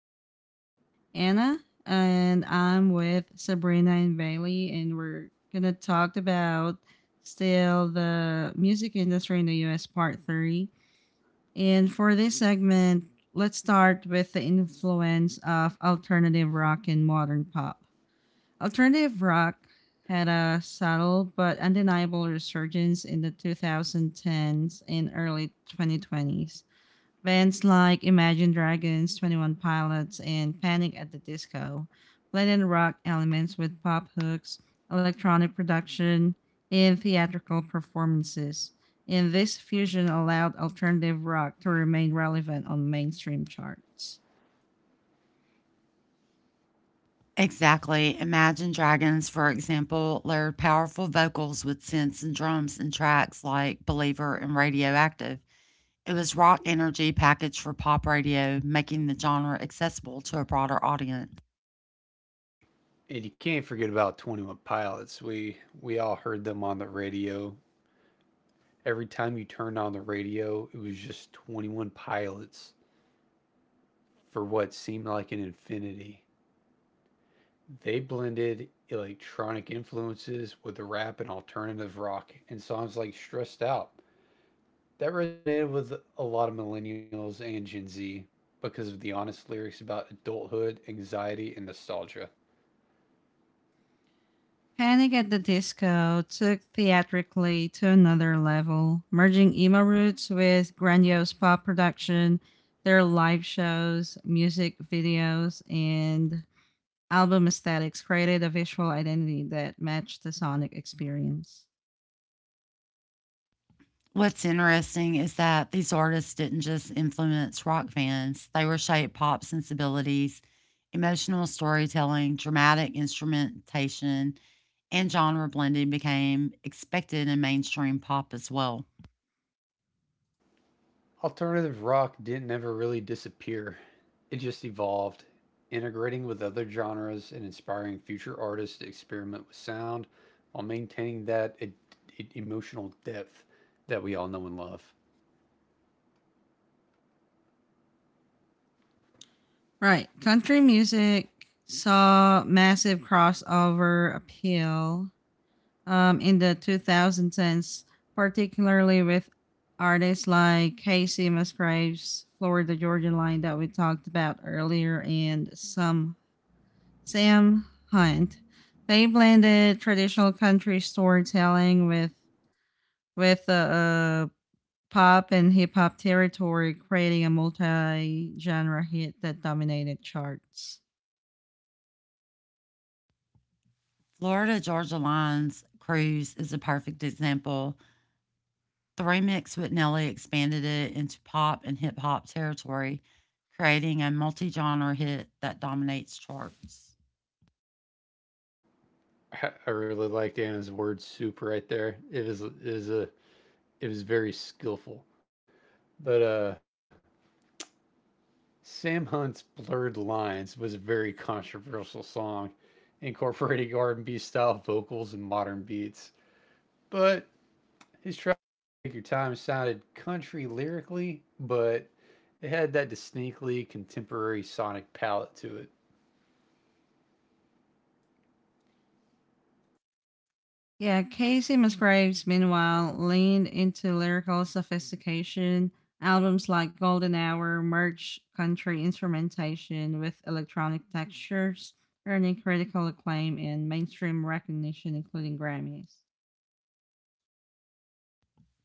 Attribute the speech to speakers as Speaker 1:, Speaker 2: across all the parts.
Speaker 1: going to be Anna. And I'm with Sabrina and Bailey. And we're going to talk about still the music industry in the US part three. And for this segment, let's start with the influence of alternative rock and modern pop. Alternative rock had a subtle but undeniable resurgence in the 2010s and early 2020s. Bands like Imagine Dragons, 21 Pilots, and Panic at the Disco blended rock elements with pop hooks, electronic production, and theatrical performances. And this fusion allowed alternative rock to remain relevant on mainstream charts.
Speaker 2: Exactly. Imagine Dragons, for example, layered powerful vocals with synths and drums in tracks like Believer and Radioactive. It was rock energy packaged for pop radio, making the genre accessible to a broader audience.
Speaker 3: And you can't forget about 21 Pilots. We all heard them on the radio. Every time you turned on the radio, it was just 21 Pilots for what seemed like an infinity. They blended electronic influences with rap and alternative rock and songs like Stressed Out. That resonated with a lot of millennials and Gen Z because of the honest lyrics about adulthood, anxiety, and nostalgia.
Speaker 1: Panic at the Disco took theatrically to another level, merging emo roots with grandiose pop production. Their live shows, music videos, and album aesthetics created a visual identity that matched the sonic experience.
Speaker 2: What's interesting is that these artists didn't just influence rock fans, they were shaped pop sensibilities, emotional storytelling, dramatic instrumentation, and genre blending became expected in mainstream pop as well.
Speaker 3: Alternative rock didn't ever really disappear. It just evolved, integrating with other genres and inspiring future artists to experiment with sound while maintaining that emotional depth that we all know and love.
Speaker 1: Right. Country music saw massive crossover appeal in the 2000s, particularly with artists like Casey Musgraves, Florida Georgia Line that we talked about earlier, and some Sam Hunt. They blended traditional country storytelling with pop and hip hop territory, creating a multi genre hit that dominated charts.
Speaker 2: Florida Georgia Line's Cruise is a perfect example. The remix with Nelly expanded it into pop and hip hop territory, creating a multi genre hit that dominates charts.
Speaker 3: I really liked Anna's word soup right there. It is a it was very skillful. But Sam Hunt's Blurred Lines was a very controversial song, incorporating R&B style vocals and modern beats. But his track Take Your Time sounded country lyrically, but it had that distinctly contemporary sonic palette to it.
Speaker 1: Yeah, Casey Musgraves, meanwhile, leaned into lyrical sophistication. Albums like Golden Hour merged country instrumentation with electronic textures, earning critical acclaim and mainstream recognition, including Grammys.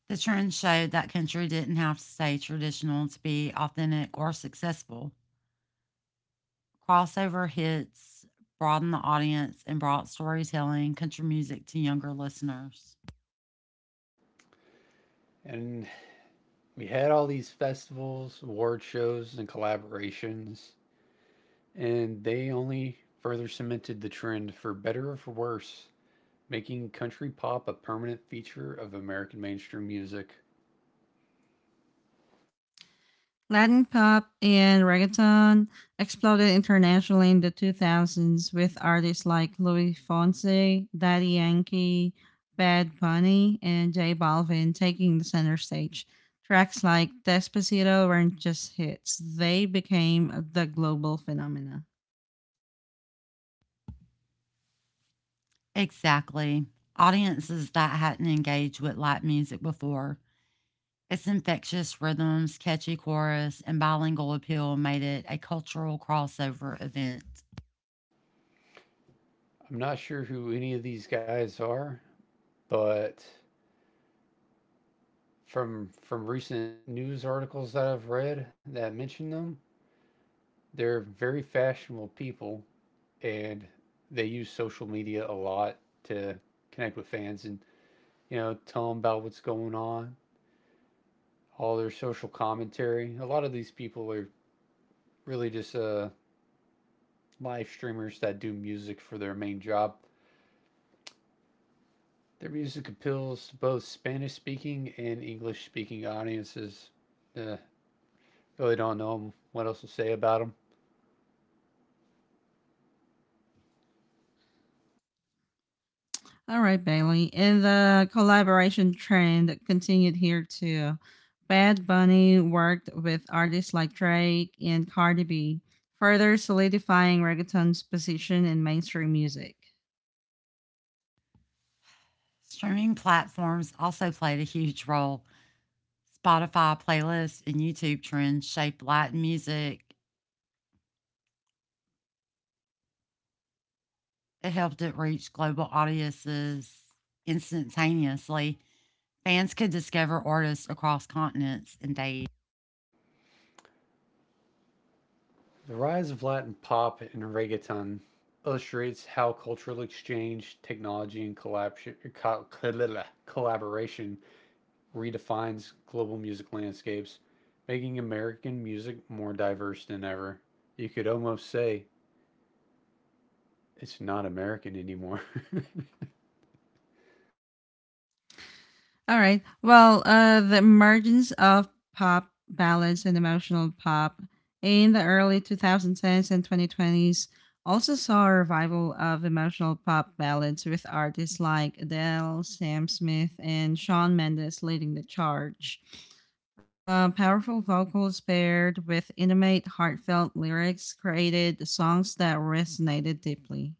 Speaker 2: The trend showed that country didn't have to stay traditional to be authentic or successful. Crossover hits broadened the audience and brought storytelling, country music to younger listeners.
Speaker 3: And we had all these festivals, award shows, and collaborations, and they only further cemented the trend for better or for worse, making country pop a permanent feature of American mainstream music.
Speaker 1: Latin pop and reggaeton exploded internationally in the 2000s with artists like Louis Fonsi, Daddy Yankee, Bad Bunny, and J Balvin taking the center stage. Tracks like Despacito weren't just hits, they became the global phenomena.
Speaker 2: Exactly. Audiences that hadn't engaged with light music before. Its infectious rhythms, catchy chorus, and bilingual appeal made it a cultural crossover event.
Speaker 3: I'm not sure who any of these guys are, but from recent news articles that I've read that mention them, they're very fashionable people and they use social media a lot to connect with fans and, you know, tell them about what's going on, all their social commentary. A lot of these people are really just live streamers that do music for their main job. Their music appeals to both Spanish speaking and English speaking audiences. Uh, Really don't know what else to say about them.
Speaker 1: All right, Bailey. And the collaboration trend continued here too. Bad Bunny worked with artists like Drake and Cardi B, further solidifying reggaeton's position in mainstream music.
Speaker 2: Streaming platforms also played a huge role. Spotify playlists and YouTube trends shaped Latin music. It helped it reach global audiences instantaneously. Fans could discover artists across continents in days.
Speaker 3: The rise of Latin pop and reggaeton illustrates how cultural exchange, technology, and collaboration redefines global music landscapes, making American music more diverse than ever. You could almost say it's not American anymore.
Speaker 1: All right. Well, the emergence of pop ballads and emotional pop in the early 2010s and 2020s also saw a revival of emotional pop ballads with artists like Adele, Sam Smith, and Shawn Mendes leading the charge. Powerful vocals paired with intimate, heartfelt lyrics created songs that resonated deeply.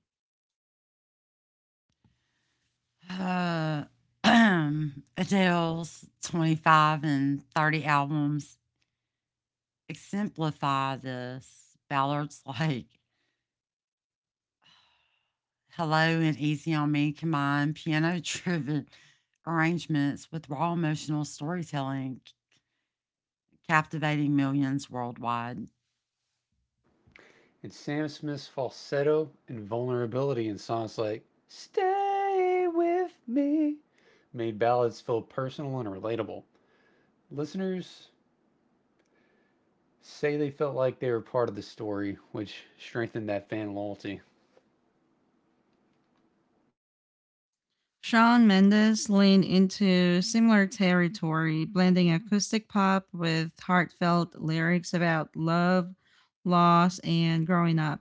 Speaker 2: Uh, Adele's 25 and 30 albums exemplify this. Ballard's like Hello and Easy on Me combine piano driven arrangements with raw emotional storytelling, captivating millions worldwide.
Speaker 3: And Sam Smith's falsetto and vulnerability in songs like Stay With Me made ballads feel personal and relatable. Listeners say they felt like they were part of the story, which strengthened that fan loyalty.
Speaker 1: Shawn Mendes leaned into similar territory, blending acoustic pop with heartfelt lyrics about love, loss, and growing up.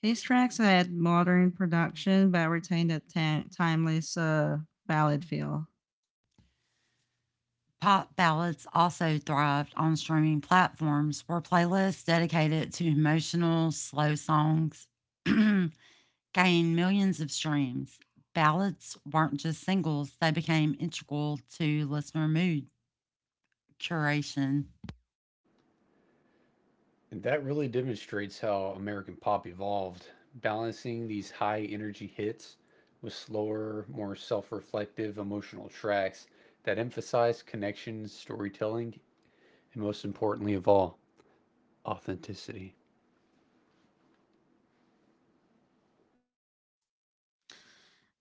Speaker 1: His tracks had modern production but retained a timeless ballad feel.
Speaker 2: Pop ballads also thrived on streaming platforms where playlists dedicated to emotional, slow songs gained millions of streams. Ballads weren't just singles, they became integral to listener mood curation.
Speaker 3: And that really demonstrates how American pop evolved, balancing these high energy hits with slower, more self reflective emotional tracks that emphasize connections, storytelling, and most importantly of all, authenticity.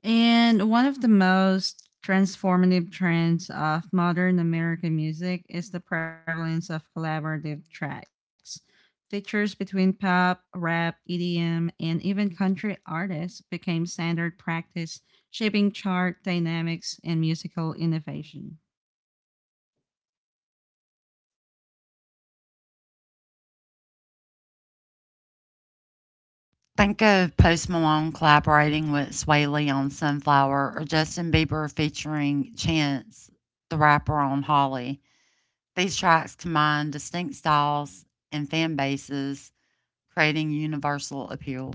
Speaker 1: And one of the most transformative trends of modern American music is the prevalence of collaborative tracks. Features between pop, rap, EDM, and even country artists became standard practice, shaping chart dynamics and musical innovation.
Speaker 2: Think of Post Malone collaborating with Swae Lee on Sunflower or Justin Bieber featuring Chance the rapper on Holly. These tracks combine distinct styles and fan bases, creating universal appeal.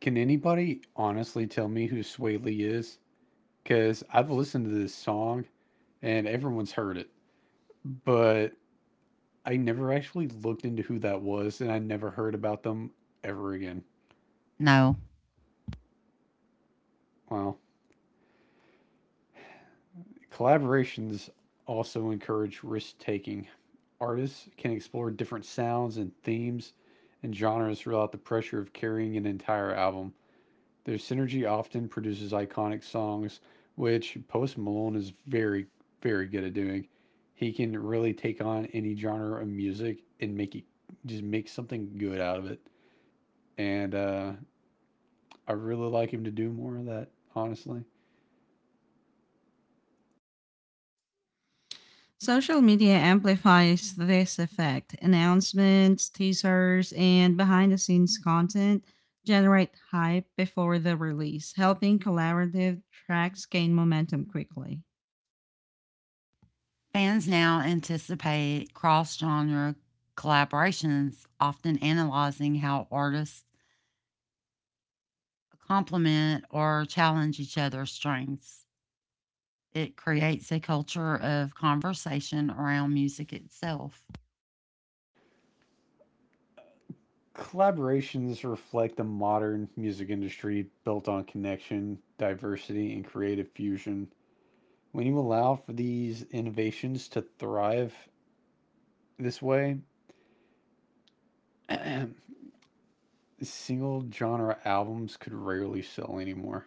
Speaker 3: Can anybody honestly tell me who Sway Lee is? Because I've listened to this song and everyone's heard it, but I never actually looked into who that was, and I never heard about them ever again.
Speaker 2: No.
Speaker 3: Wow. Collaborations also encourage risk taking. Artists can explore different sounds and themes and genres without the pressure of carrying an entire album. Their synergy often produces iconic songs, which Post Malone is very, very good at doing. He can really take on any genre of music and make it just make something good out of it. And I really like him to do more of that, honestly.
Speaker 1: Social media amplifies this effect. Announcements, teasers, and behind the scenes content generate hype before the release, helping collaborative tracks gain momentum quickly.
Speaker 2: Fans now anticipate cross genre collaborations, often analyzing how artists complement or challenge each other's strengths. It creates a culture of conversation around music itself.
Speaker 3: Collaborations reflect the modern music industry built on connection, diversity, and creative fusion. When you allow for these innovations to thrive this way, single genre albums could rarely sell anymore.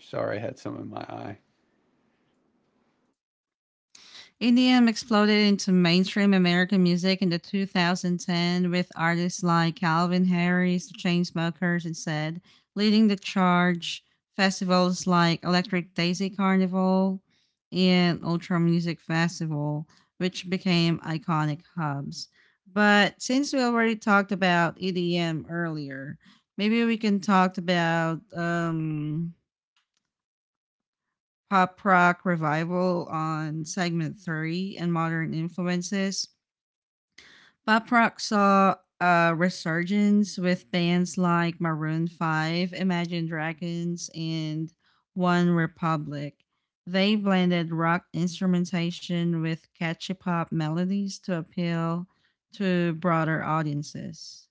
Speaker 3: Sorry, I had some in my eye.
Speaker 1: EDM exploded into mainstream American music in the 2010 with artists like Calvin Harris, the Chainsmokers, and said leading the charge. Festivals like Electric Daisy Carnival and Ultra Music Festival, which became iconic hubs. But since we already talked about EDM earlier, maybe we can talk about pop rock revival on segment three and modern influences. Pop rock saw a resurgence with bands like Maroon 5, Imagine Dragons, and One Republic. They blended rock instrumentation with catchy pop melodies to appeal to broader audiences.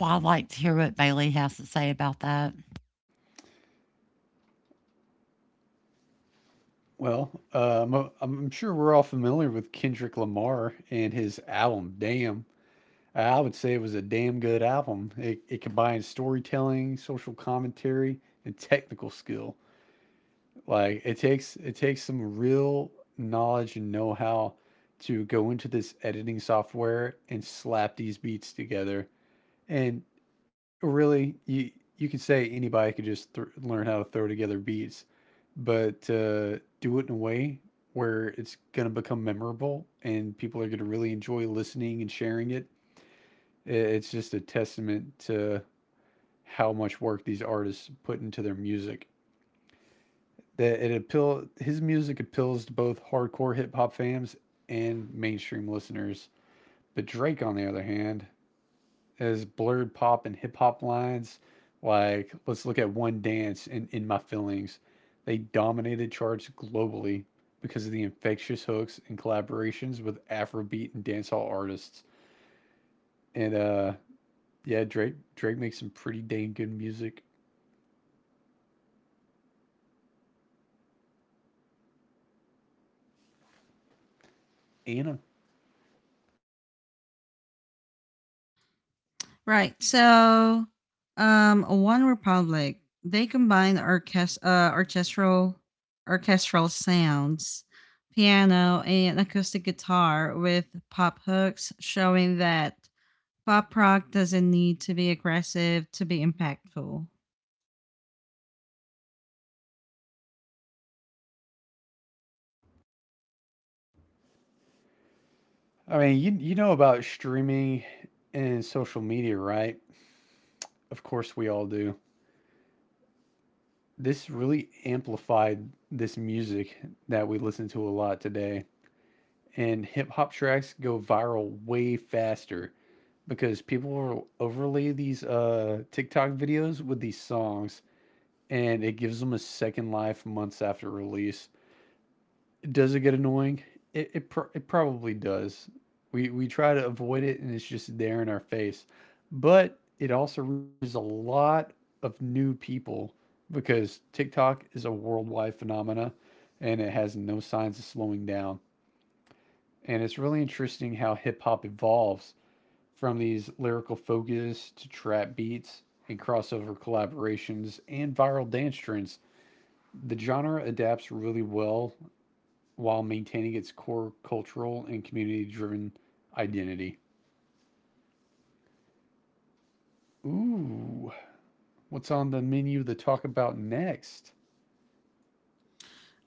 Speaker 2: Well, I'd like to hear what Bailey has to say about that.
Speaker 3: Well, I'm sure we're all familiar with Kendrick Lamar and his album Damn. I would say it was a damn good album. It combines storytelling, social commentary, and technical skill. Like it takes some real knowledge and know how to go into this editing software and slap these beats together. And really, you could say anybody could just learn how to throw together beats, but do it in a way where it's going to become memorable and people are going to really enjoy listening and sharing it's just a testament to how much work these artists put into their music. That it appeal his music appeals to both hardcore hip hop fans and mainstream listeners. But Drake, on the other hand, has blurred pop and hip hop lines. Like let's look at One Dance and In My Feelings. They dominated charts globally because of the infectious hooks and collaborations with Afrobeat and dancehall artists. And yeah, Drake makes some pretty dang good music. Anna.
Speaker 1: Right. So, One Republic, they combine orchestral sounds, piano, and acoustic guitar with pop hooks, showing that pop rock doesn't need to be aggressive to be impactful. All
Speaker 3: I mean, you know about streaming and social media, right? Of course we all do. This really amplified this music that we listen to a lot today. And hip hop tracks go viral way faster because people will overlay these TikTok videos with these songs and it gives them a second life months after release. Does it get annoying? It probably does. We try to avoid it, and it's just there in our face. But it also reaches a lot of new people because TikTok is a worldwide phenomena, and it has no signs of slowing down. And it's really interesting how hip hop evolves from these lyrical focus to trap beats and crossover collaborations and viral dance trends. The genre adapts really well while maintaining its core cultural and community driven identity. Ooh, what's on the menu to talk about next?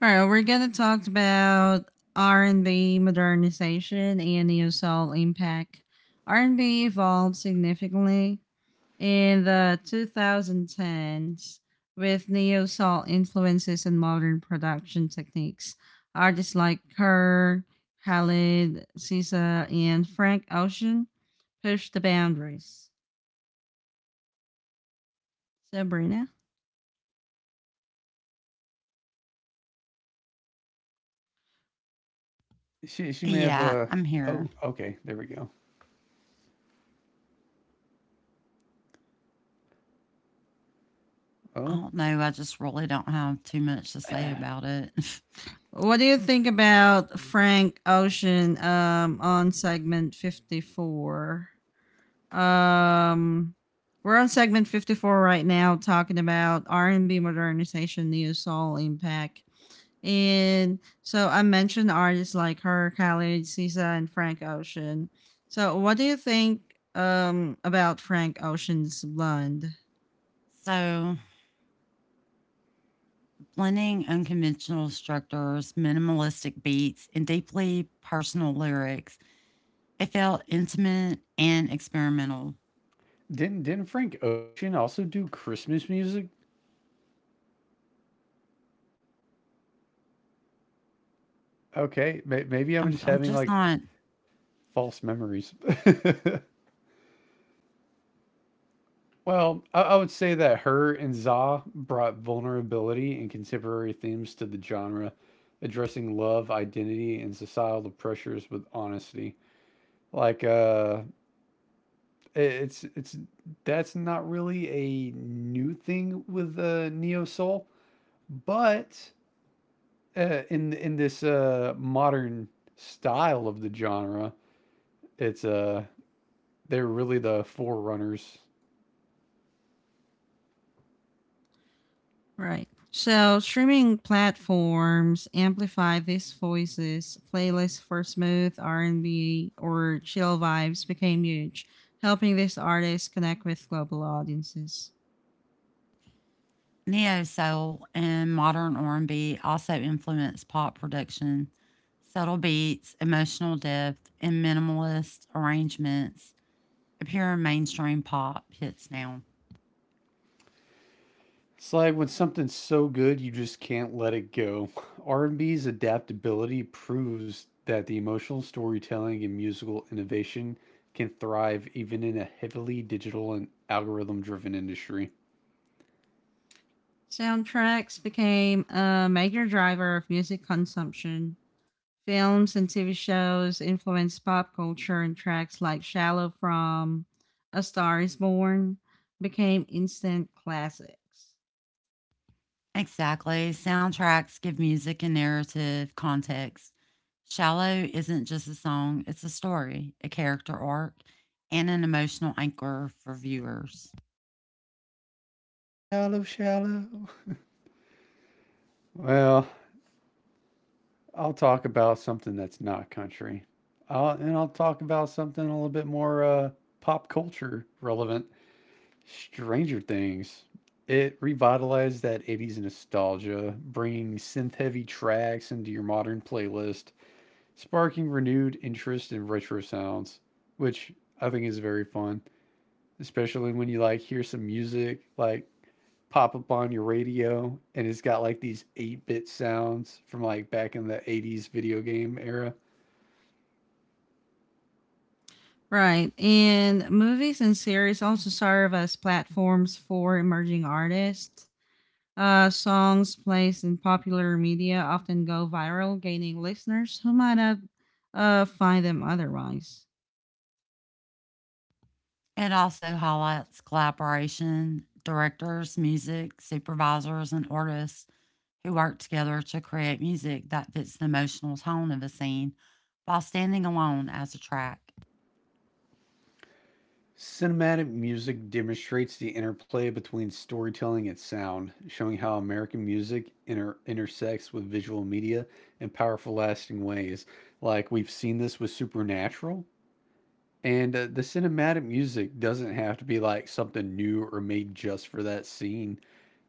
Speaker 1: right, we're gonna talk about R and B modernization and neo soul impact. R and B evolved significantly in the 2010s with neo soul influences and modern production techniques. Artists like Kerr, Khalid, SZA, and Frank Ocean pushed the boundaries. Sabrina,
Speaker 3: She may have
Speaker 2: Yeah,
Speaker 3: a.
Speaker 2: I'm here.
Speaker 3: Oh, okay, there we go.
Speaker 2: I
Speaker 3: Oh,
Speaker 2: don't know. I just really don't have too much to say about it.
Speaker 1: what do you think about Frank Ocean on segment 54? Um, we're on segment 54 right now talking about R&B modernization, neo soul impact. And so I mentioned artists like her, Khalid, SZA, and Frank Ocean. So what do you think about Frank Ocean's Blonde?
Speaker 2: So, blending unconventional structures, minimalistic beats, and deeply personal lyrics, it felt intimate and experimental.
Speaker 3: didn't Frank Ocean also do Christmas music? Okay, maybe I'm
Speaker 2: I'm,
Speaker 3: just
Speaker 2: I'm
Speaker 3: having
Speaker 2: just
Speaker 3: like
Speaker 2: not.
Speaker 3: false memories. Well, I would say that her and Za brought vulnerability and contemporary themes to the genre, addressing love, identity, and societal pressures with honesty. Like, it's that's not really a new thing with neo soul, but in this modern style of the genre, it's they're really the forerunners.
Speaker 1: Right. So streaming platforms amplify these voices. Playlists for smooth R&B or chill vibes became huge, helping these artists connect with global audiences.
Speaker 2: Neo soul and modern R&B also influenced pop production. Subtle beats, emotional depth, and minimalist arrangements pure mainstream pop hits now.
Speaker 3: It's like when something's so good you just can't let it go. R&B's adaptability proves that the emotional storytelling and musical innovation can thrive even in a heavily digital and algorithm driven industry.
Speaker 1: Soundtracks became a major driver of music consumption. Films and TV shows influenced pop culture, and tracks like Shallow from A Star is Born became instant classics.
Speaker 2: Exactly. Soundtracks give music a narrative context. Shallow isn't just a song, it's a story, a character arc, and an emotional anchor for viewers.
Speaker 3: Shallow, shallow. Well, I'll talk about something that's not country. I'll talk about something a little bit more pop culture relevant. Stranger Things. It revitalized that 80s nostalgia, bringing synth heavy tracks into your modern playlist, sparking renewed interest in retro sounds, which I think is very fun, especially when you like hear some music like pop up on your radio and it's got like these 8-bit sounds from like back in the 80s video game era.
Speaker 1: Right, and movies and series also serve as platforms for emerging artists. Songs placed in popular media often go viral, gaining listeners who might not find them otherwise.
Speaker 2: It also highlights collaboration, directors, music, supervisors, and artists who work together to create music that fits the emotional tone of a scene while standing alone as a track.
Speaker 3: Cinematic music demonstrates the interplay between storytelling and sound, showing how American music intersects with visual media in powerful, lasting ways. Like we've seen this with Supernatural, and the cinematic music doesn't have to be like something new or made just for that scene.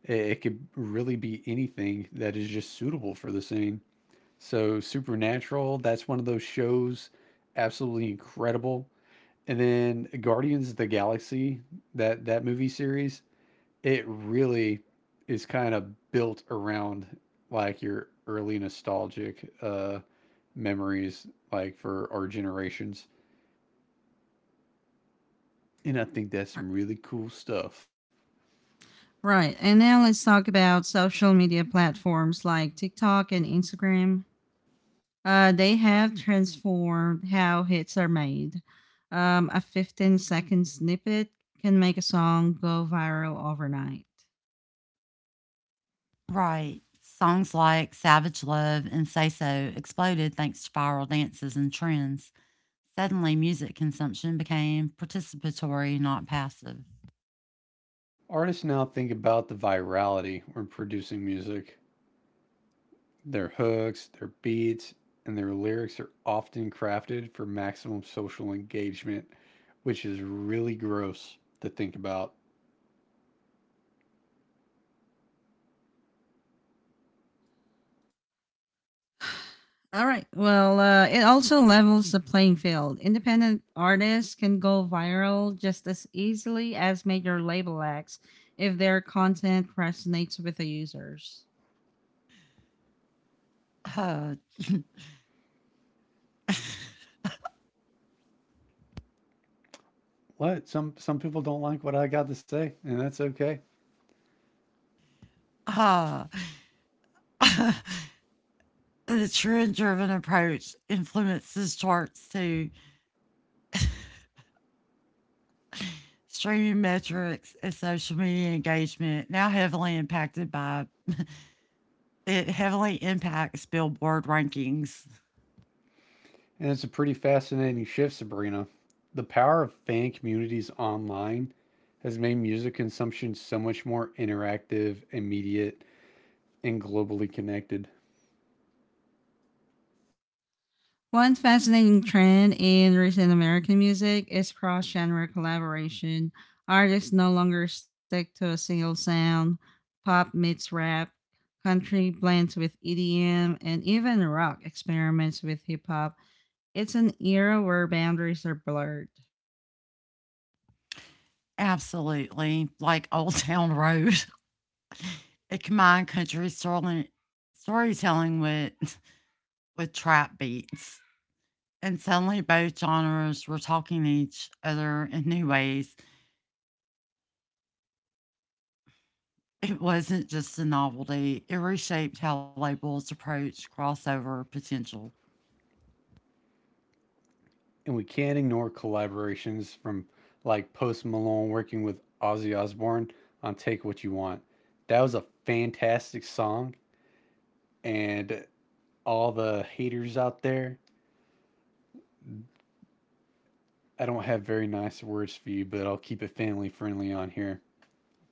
Speaker 3: It could really be anything that is just suitable for the scene. So Supernatural, that's one of those shows, absolutely incredible. And then Guardians of the Galaxy, that movie series, it really is kind of built around like your early nostalgic memories like for our generations. And I think that's some really cool stuff.
Speaker 1: Right, and now let's talk about social media platforms like TikTok and Instagram. They have transformed how hits are made. A 15 second snippet can make a song go viral overnight.
Speaker 2: Right. Songs like Savage Love and Say So exploded thanks to viral dances and trends. Suddenly, music consumption became participatory, not passive.
Speaker 3: Artists now think about the virality when producing music. Their hooks, their beats, and their lyrics are often crafted for maximum social engagement, which is really gross to think about.
Speaker 1: All right. Well, it also levels the playing field. Independent artists can go viral just as easily as major label acts if their content resonates with the users.
Speaker 2: Uh,
Speaker 3: What? Some people don't like what I got to say, and that's okay.
Speaker 2: uh, the trend driven approach influences charts too. Streaming metrics and social media engagement now heavily impacted by it, heavily impacts billboard rankings.
Speaker 3: And it's a pretty fascinating shift, Sabrina. The power of fan communities online has made music consumption so much more interactive, immediate, and globally connected.
Speaker 1: One fascinating trend in recent American music is cross genre collaboration. Artists no longer stick to a single sound. Pop meets rap, country blends with EDM, and even rock experiments with hip hop. It's an era where boundaries are blurred.
Speaker 2: Absolutely, like Old Town Road. It combined country storytelling with trap beats. And suddenly both genres were talking to each other in new ways. It wasn't just a novelty, it reshaped how labels approach crossover potential.
Speaker 3: And we can't ignore collaborations from like Post Malone working with Ozzy Osbourne on Take What You Want. That was a fantastic song, and all the haters out there, I don't have very nice words for you, but I'll keep it family friendly on here.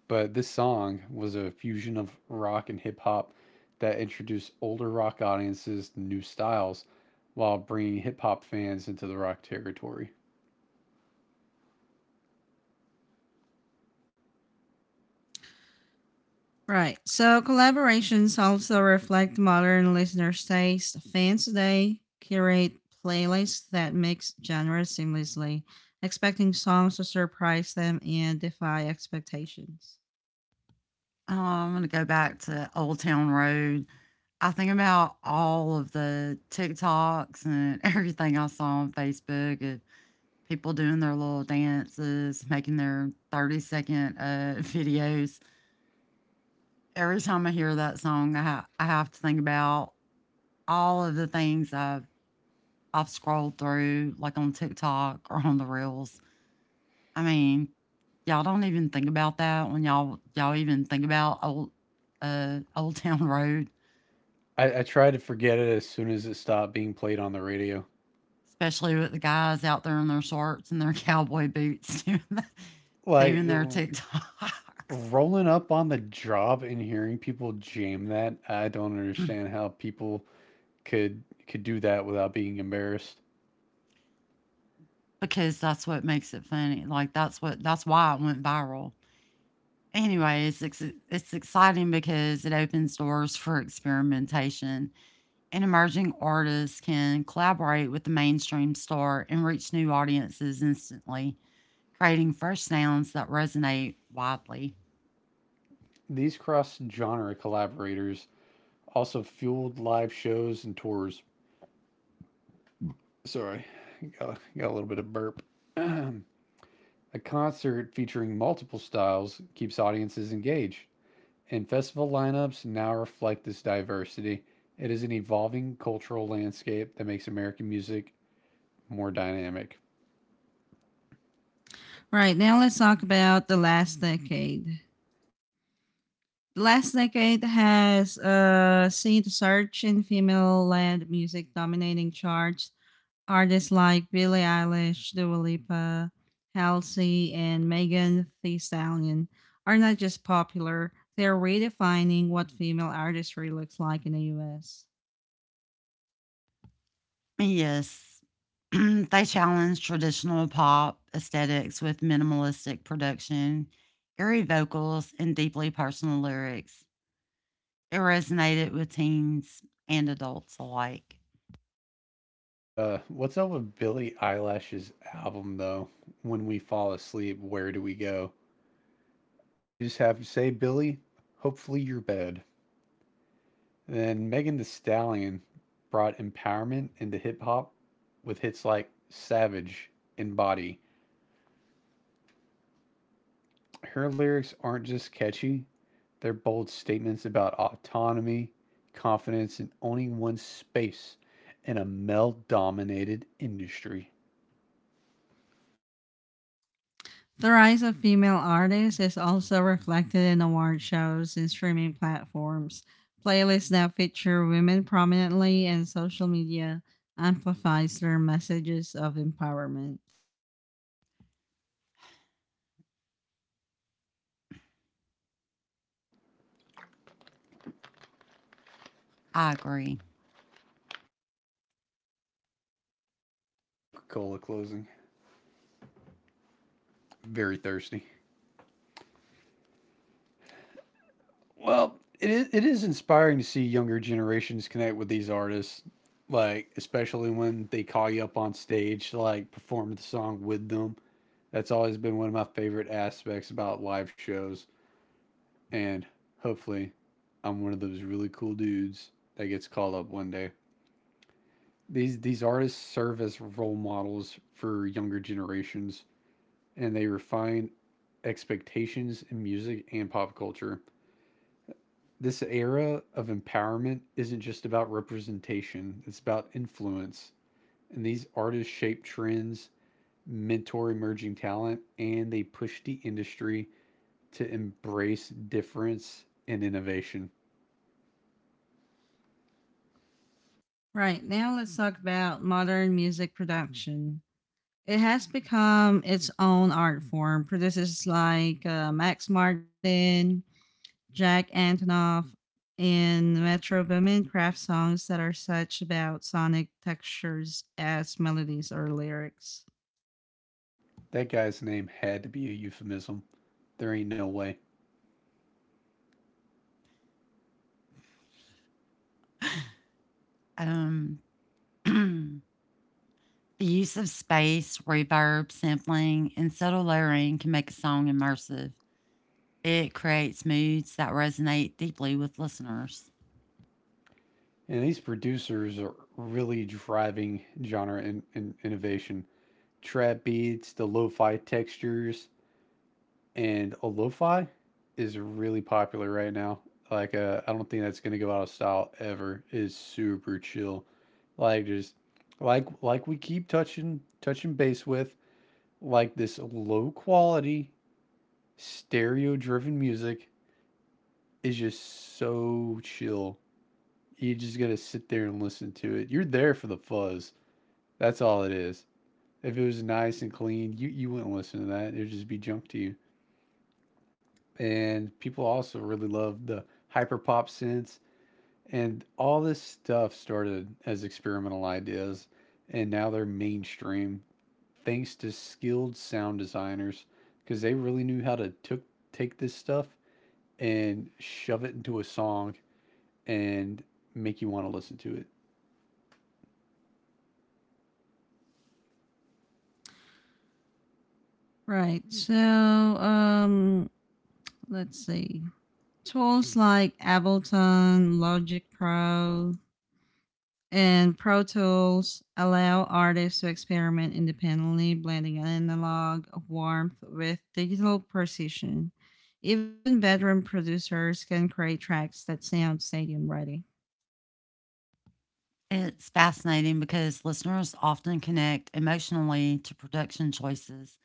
Speaker 3: But this song was a fusion of rock and hip hop that introduced older rock audiences to new styles while bringing hip hop fans into the rock territory.
Speaker 1: Right. So collaborations also reflect modern listeners' taste. Fans today curate playlists that mix genres seamlessly, expecting songs to surprise them and defy expectations.
Speaker 2: I'm going to go back to Old Town Road. I think about all of the TikToks and everything I saw on Facebook of people doing their little dances, making their 30 second videos. Every time I hear that song, I have to think about all of the things I've scrolled through, like on TikTok or on the reels. I mean, y'all don't even think about that when y'all even think about old Old Town Road,
Speaker 3: I tried to forget it as soon as it stopped being played on the radio.
Speaker 2: especially with the guys out there in their shorts and their cowboy boots
Speaker 3: Like
Speaker 2: doing their
Speaker 3: the-
Speaker 2: TikToks
Speaker 3: Rolling up on the job and hearing people jam that, I don't understand how people could could do that without being embarrassed.
Speaker 2: because that's what makes it funny. Like, that's why it went viral. Anyway, it's exciting because it opens doors for experimentation, and emerging artists can collaborate with the mainstream star and reach new audiences instantly, creating fresh sounds that resonate widely.
Speaker 3: These cross genre collaborators also fueled live shows and tours. Sorry, got a little bit of burp. A concert featuring multiple styles keeps audiences engaged. And festival lineups now reflect this diversity. It is an evolving cultural landscape that makes American music more dynamic.
Speaker 1: Right. Now let's talk about the last decade. The last decade has seen the surge in female-led music dominating charts. Artists like Billie Eilish, Dua Lipa, Halsey, and Megan Thee Stallion are not just popular, they're redefining what female artistry looks like in the US.
Speaker 2: Yes, they challenge traditional pop aesthetics with minimalistic production, airy vocals, and deeply personal lyrics. It resonated with teens and adults alike.
Speaker 3: What's up with Billie Eilish's album though? When we fall asleep, where do we go? I just have to say, Billie, hopefully your bed. Then Megan Thee Stallion brought empowerment into hip hop with hits like Savage and Body. Her lyrics aren't just catchy, their bold statements about autonomy, confidence, in owning one's space in a male dominated industry.
Speaker 1: The rise of female artists is also reflected in award shows and streaming platforms, playlists that feature women prominently, and social media amplifies their messages of empowerment.
Speaker 2: I agree.
Speaker 3: Coca Cola closing. Very thirsty. Well, it is inspiring to see younger generations connect with these artists, like, especially when they call you up on stage to, like, perform the song with them. That's always been one of my favorite aspects about live shows. And hopefully, I'm one of those really cool dudes that gets called up one day. These artists serve as role models for younger generations, and they refine expectations in music and pop culture. This era of empowerment isn't just about representation; it's about influence. And these artists shape trends, mentor emerging talent, and they push the industry to embrace difference and innovation.
Speaker 1: Right, now let's talk about modern music production. It has become its own art form. Producers like Max Martin, Jack Antonoff, and Metro Boomin craft songs that are such about sonic textures as melodies or lyrics.
Speaker 3: That guy's name had to be a euphemism. There ain't no way.
Speaker 2: Um, the use of space, reverb, sampling, and subtle layering can make a song immersive. It creates moods that resonate deeply with listeners.
Speaker 3: And these producers are really driving genre and in innovation. Trap beats, the lo fi textures, and a lo fi is really popular right now. I don't think that's going to go out of style ever. It's super chill. Like, just like we keep touching base with like this low quality, stereo driven music. Is just so chill. You're just gonna sit there and listen to it. You're there for the fuzz. That's all it is. If it was nice and clean, you wouldn't listen to that. It would just be junk to you. And people also really love the hyper pop sense. And all this stuff started as experimental ideas, and now they're mainstream thanks to skilled sound designers because they really knew how to take this stuff and shove it into a song and make you want to listen to it.
Speaker 1: Right, so let's see. Tools like Ableton, Logic Pro, and Pro Tools allow artists to experiment independently, blending analog warmth with digital precision. Even veteran producers can create tracks that sound stadium ready.
Speaker 2: It's fascinating because listeners often connect emotionally to production choices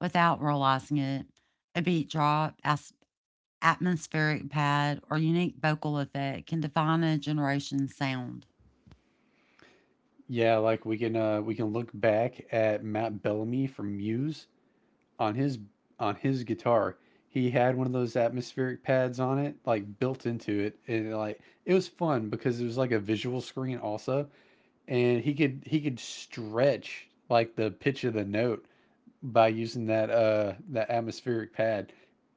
Speaker 2: without realizing it. A beat drop, atmospheric pad, or unique vocal effect can define a generation's sound.
Speaker 3: Yeah, like we can look back at Matt Bellamy from Muse on his on his guitar. He had one of those atmospheric pads on it, like built into it, and like it was fun because it was like a visual screen also, and he could stretch like the pitch of the note by using that that atmospheric pad.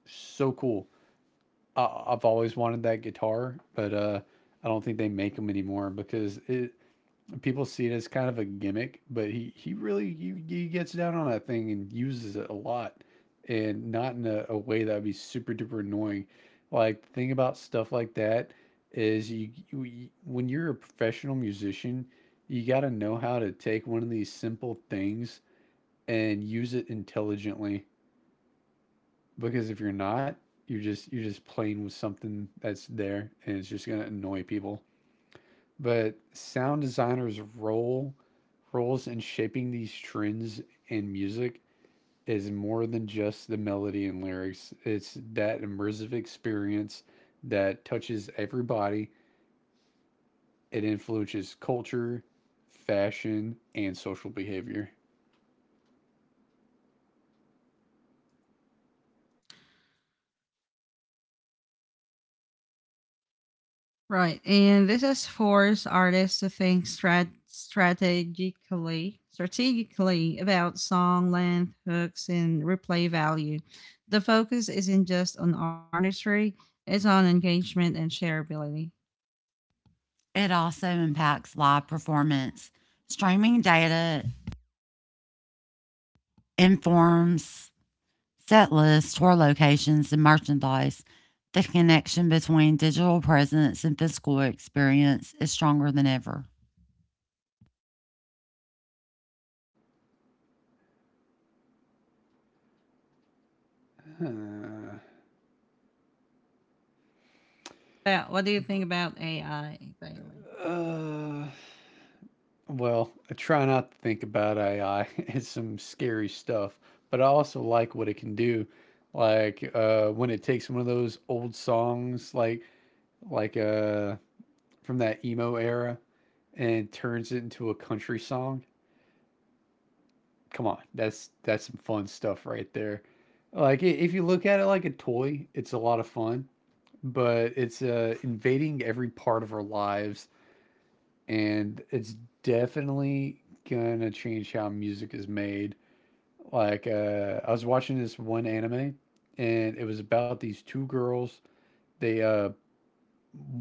Speaker 3: So cool. I've always wanted that guitar, but I don't think they make them anymore because people see it as kind of a gimmick, but he gets down on that thing and uses it a lot, and not in a way that would be super duper annoying. Like the thing about stuff like that is you, when you're a professional musician, you got to know how to take one of these simple things and use it intelligently, because if you're not, you're just playing with something that's there and it's just gonna annoy people. But sound designers' roles in shaping these trends in music is more than just the melody and lyrics. It's that immersive experience that touches everybody. It influences culture, fashion, and social behavior.
Speaker 1: Right. And this has forced artists to think strategically about song length, hooks, and replay value. The focus isn't just on artistry, it's on engagement and shareability.
Speaker 2: It also impacts live performance. Streaming data informs set lists, tour locations, and merchandise, the connection between digital presence and physical experience is stronger than ever.
Speaker 1: What do you think about AI, Bailey?
Speaker 3: Huh. Well, I try not to think about AI. It's some scary stuff, but I also like what it can do. Like when it takes one of those old songs, like from that emo era and turns it into a country song. Come on, that's some fun stuff right there. Like if you look at it like a toy, it's a lot of fun, but it's invading every part of our lives, and it's definitely gonna change how music is made. Like I was watching this one anime, and it was about these two girls. They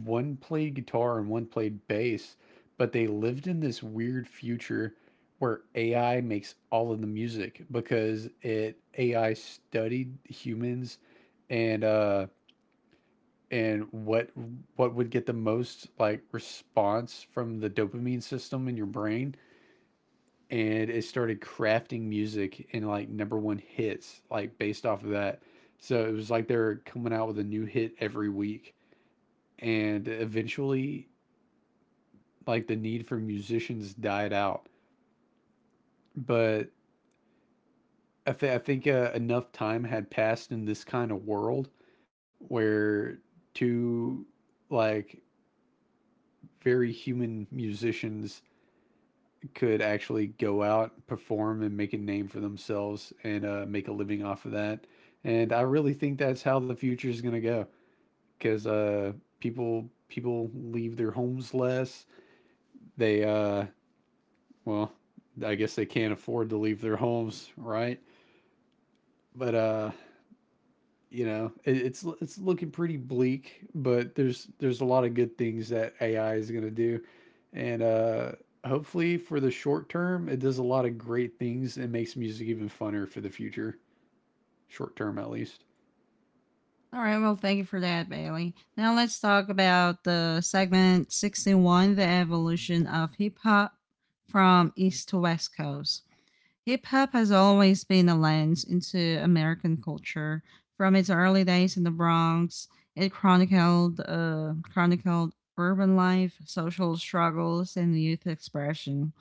Speaker 3: One played guitar and one played bass, but they lived in this weird future where AI makes all of the music, because it AI studied humans and and what what would get the most like response from the dopamine system in your brain. And it started crafting music and like number one hits like based off of that. So it was like they're coming out with a new hit every week, and eventually like the need for musicians died out. But I think enough time had passed in this kind of world where two, like, very human musicians could actually go out, perform, and make a name for themselves and make a living off of that. And I really think that's how the future is going to go, because people leave their homes less. They uh, well, I guess they can't afford to leave their homes, right? But you know, it's looking pretty bleak, but there's a lot of good things that AI is going to do, and hopefully for the short term it does a lot of great things and makes music even funner for the future. Short term at least.
Speaker 1: All right, well, thank you for that, Bailey. Now let's talk about the segment 61, the evolution of hip hop from East to West Coast. Hip hop has always been a lens into American culture. From its early days in the Bronx, it chronicled chronicled urban life, social struggles, and youth expression.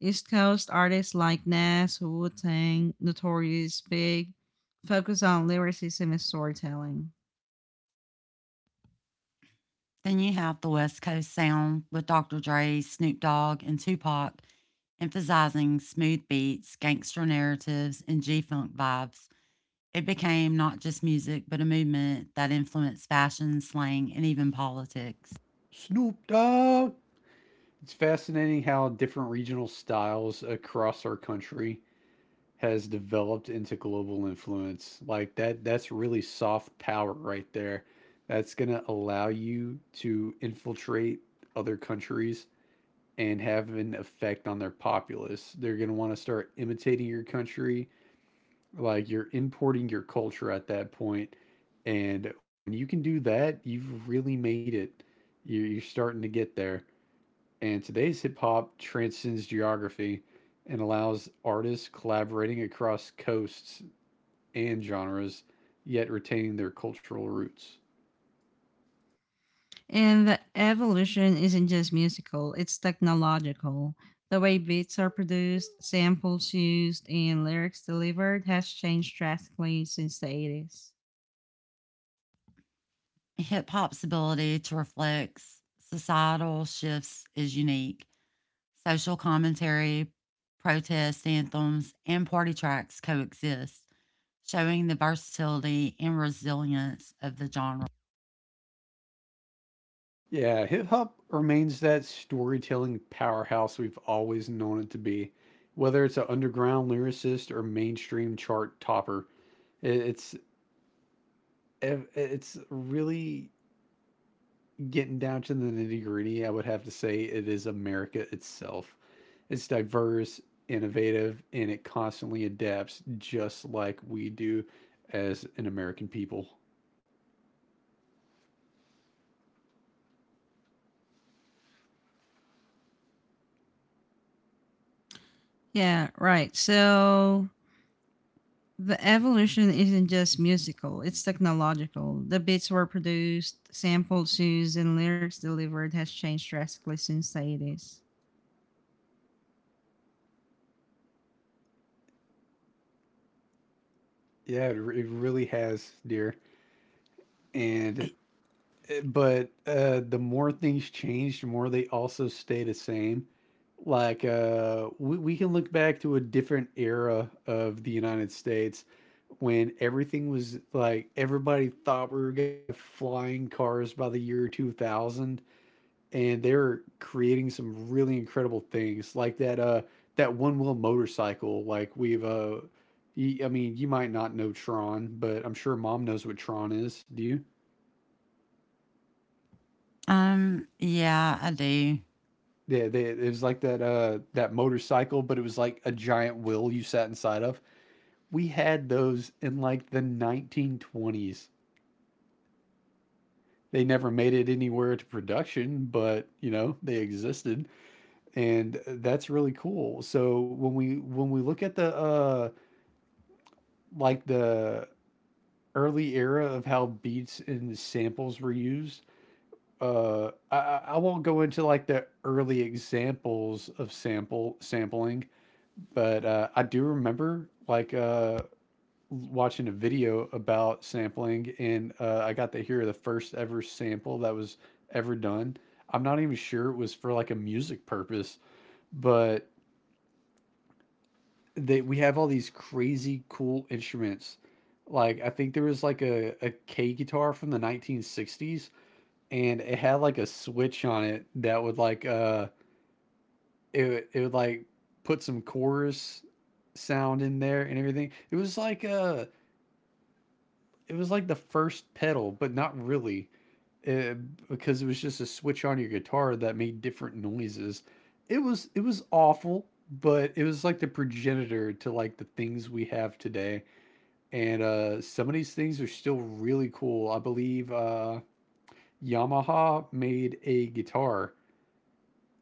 Speaker 1: East Coast artists like Nas, Wu Tang, Notorious Big focus on lyricism and storytelling.
Speaker 2: Then you have the West Coast sound with Dr. Dre, Snoop Dogg, and Tupac, emphasizing smooth beats, gangster narratives, and G Funk vibes. It became not just music, but a movement that influenced fashion, slang, and even politics.
Speaker 3: Snoop Dogg. It's fascinating how different regional styles across our country has developed into global influence. Like that's really soft power right there. That's going to allow you to infiltrate other countries and have an effect on their populace. They're going to want to start imitating your country, like you're importing your culture at that point. And when you can do that, you've really made it. You- are starting to get there. And today's hip hop transcends geography and allows artists collaborating across coasts and genres, yet retaining their cultural roots.
Speaker 1: And the evolution isn't just musical, it's technological. The way beats are produced, samples used, and lyrics delivered has changed drastically since the 80s.
Speaker 2: Hip hop's ability to reflect societal shifts is unique. Social commentary, protest anthems, and party tracks coexist, showing the versatility and resilience of the genre.
Speaker 3: Yeah, hip hop remains that storytelling powerhouse we've always known it to be. Whether it's an underground lyricist or mainstream chart topper, it's it's really getting down to the nitty gritty. I would have to say it is America itself. It's diverse, innovative, and it constantly adapts, just like we do as an American people.
Speaker 1: Yeah, right. So the evolution isn't just musical, it's technological. The beats were produced, samples used, and lyrics delivered has changed drastically since the 80s.
Speaker 3: Yeah, it really has, dear. And but The more things change, the more they also stay the same. Like we can look back to a different era of the United States, when everything was like everybody thought we were going to have flying cars by the year 2000, and they were creating some really incredible things, like that that one wheel motorcycle. Like I mean, you might not know Tron, but I'm sure Mom knows what Tron is. Do you?
Speaker 2: Yeah, I do.
Speaker 3: Yeah, it was like that that motorcycle, but it was like a giant wheel you sat inside of. We had those in like the 1920s. They never made it anywhere to production, but you know they existed, and that's really cool. So when we look at the early era of how beats and samples were used, I won't go into like the early examples of sample sampling, but I do remember like watching a video about sampling, and I got to hear the first ever sample that was ever done. I'm not even sure it was for like a music purpose, but they we have all these crazy cool instruments. Like I think there was like a K guitar from the 1960s, and it had like a switch on it that would like it would- it would like put some chorus sound in there and everything. It was like the first pedal, but not really, uh, because it was just a switch on your guitar that made different noises. It was awful, but it was like the progenitor to like the things we have today. And some of these things are still really cool. I believe Yamaha made a guitar,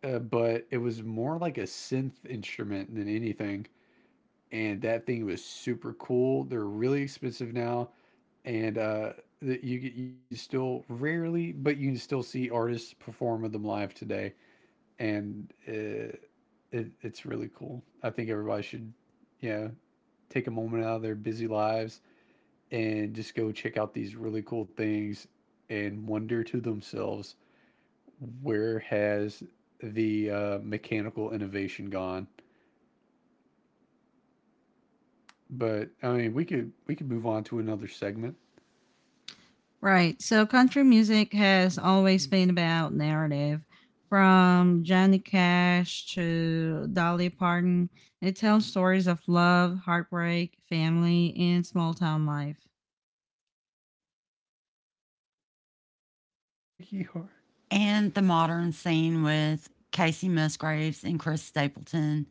Speaker 3: but it was more like a synth instrument than anything. And that thing was super cool. They're really expensive now. And That you can still rarely, but you can still see artists perform with them live today, and it, it's really cool. I think everybody should, you know, take a moment out of their busy lives and just go check out these really cool things and wonder to themselves, where has the mechanical innovation gone? But I mean, we could move on to another segment.
Speaker 1: Right. So country music has always been about narrative. From Johnny Cash to Dolly Parton, it tells stories of love, heartbreak, family, and small town life.
Speaker 3: Yee-haw.
Speaker 2: And the modern scene with Casey Musgraves and Chris Stapleton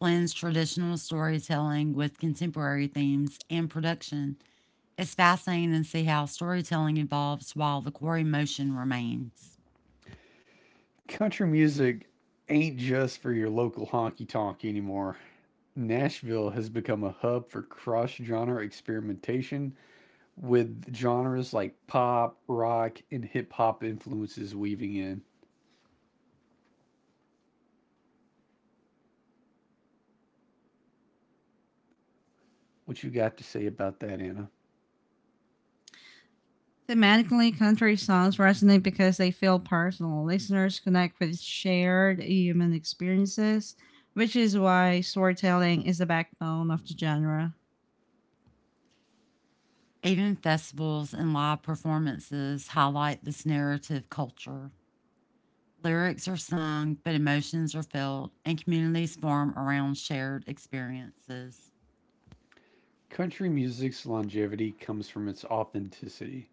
Speaker 2: blends traditional storytelling with contemporary themes and production. It's fascinating to see how storytelling evolves while the core emotion remains.
Speaker 3: Country music ain't just for your local honky tonk anymore. Nashville has become a hub for cross genre experimentation, with genres like pop, rock, and hip hop influences weaving in. What you got to say about that, Anna?
Speaker 1: Thematically, country songs resonate because they feel personal. Listeners connect with shared human experiences, which is why storytelling is the backbone of the genre.
Speaker 2: Even festivals and live performances highlight this narrative culture. Lyrics are sung, but emotions are felt, and communities form around shared experiences.
Speaker 3: Country music's longevity comes from its authenticity.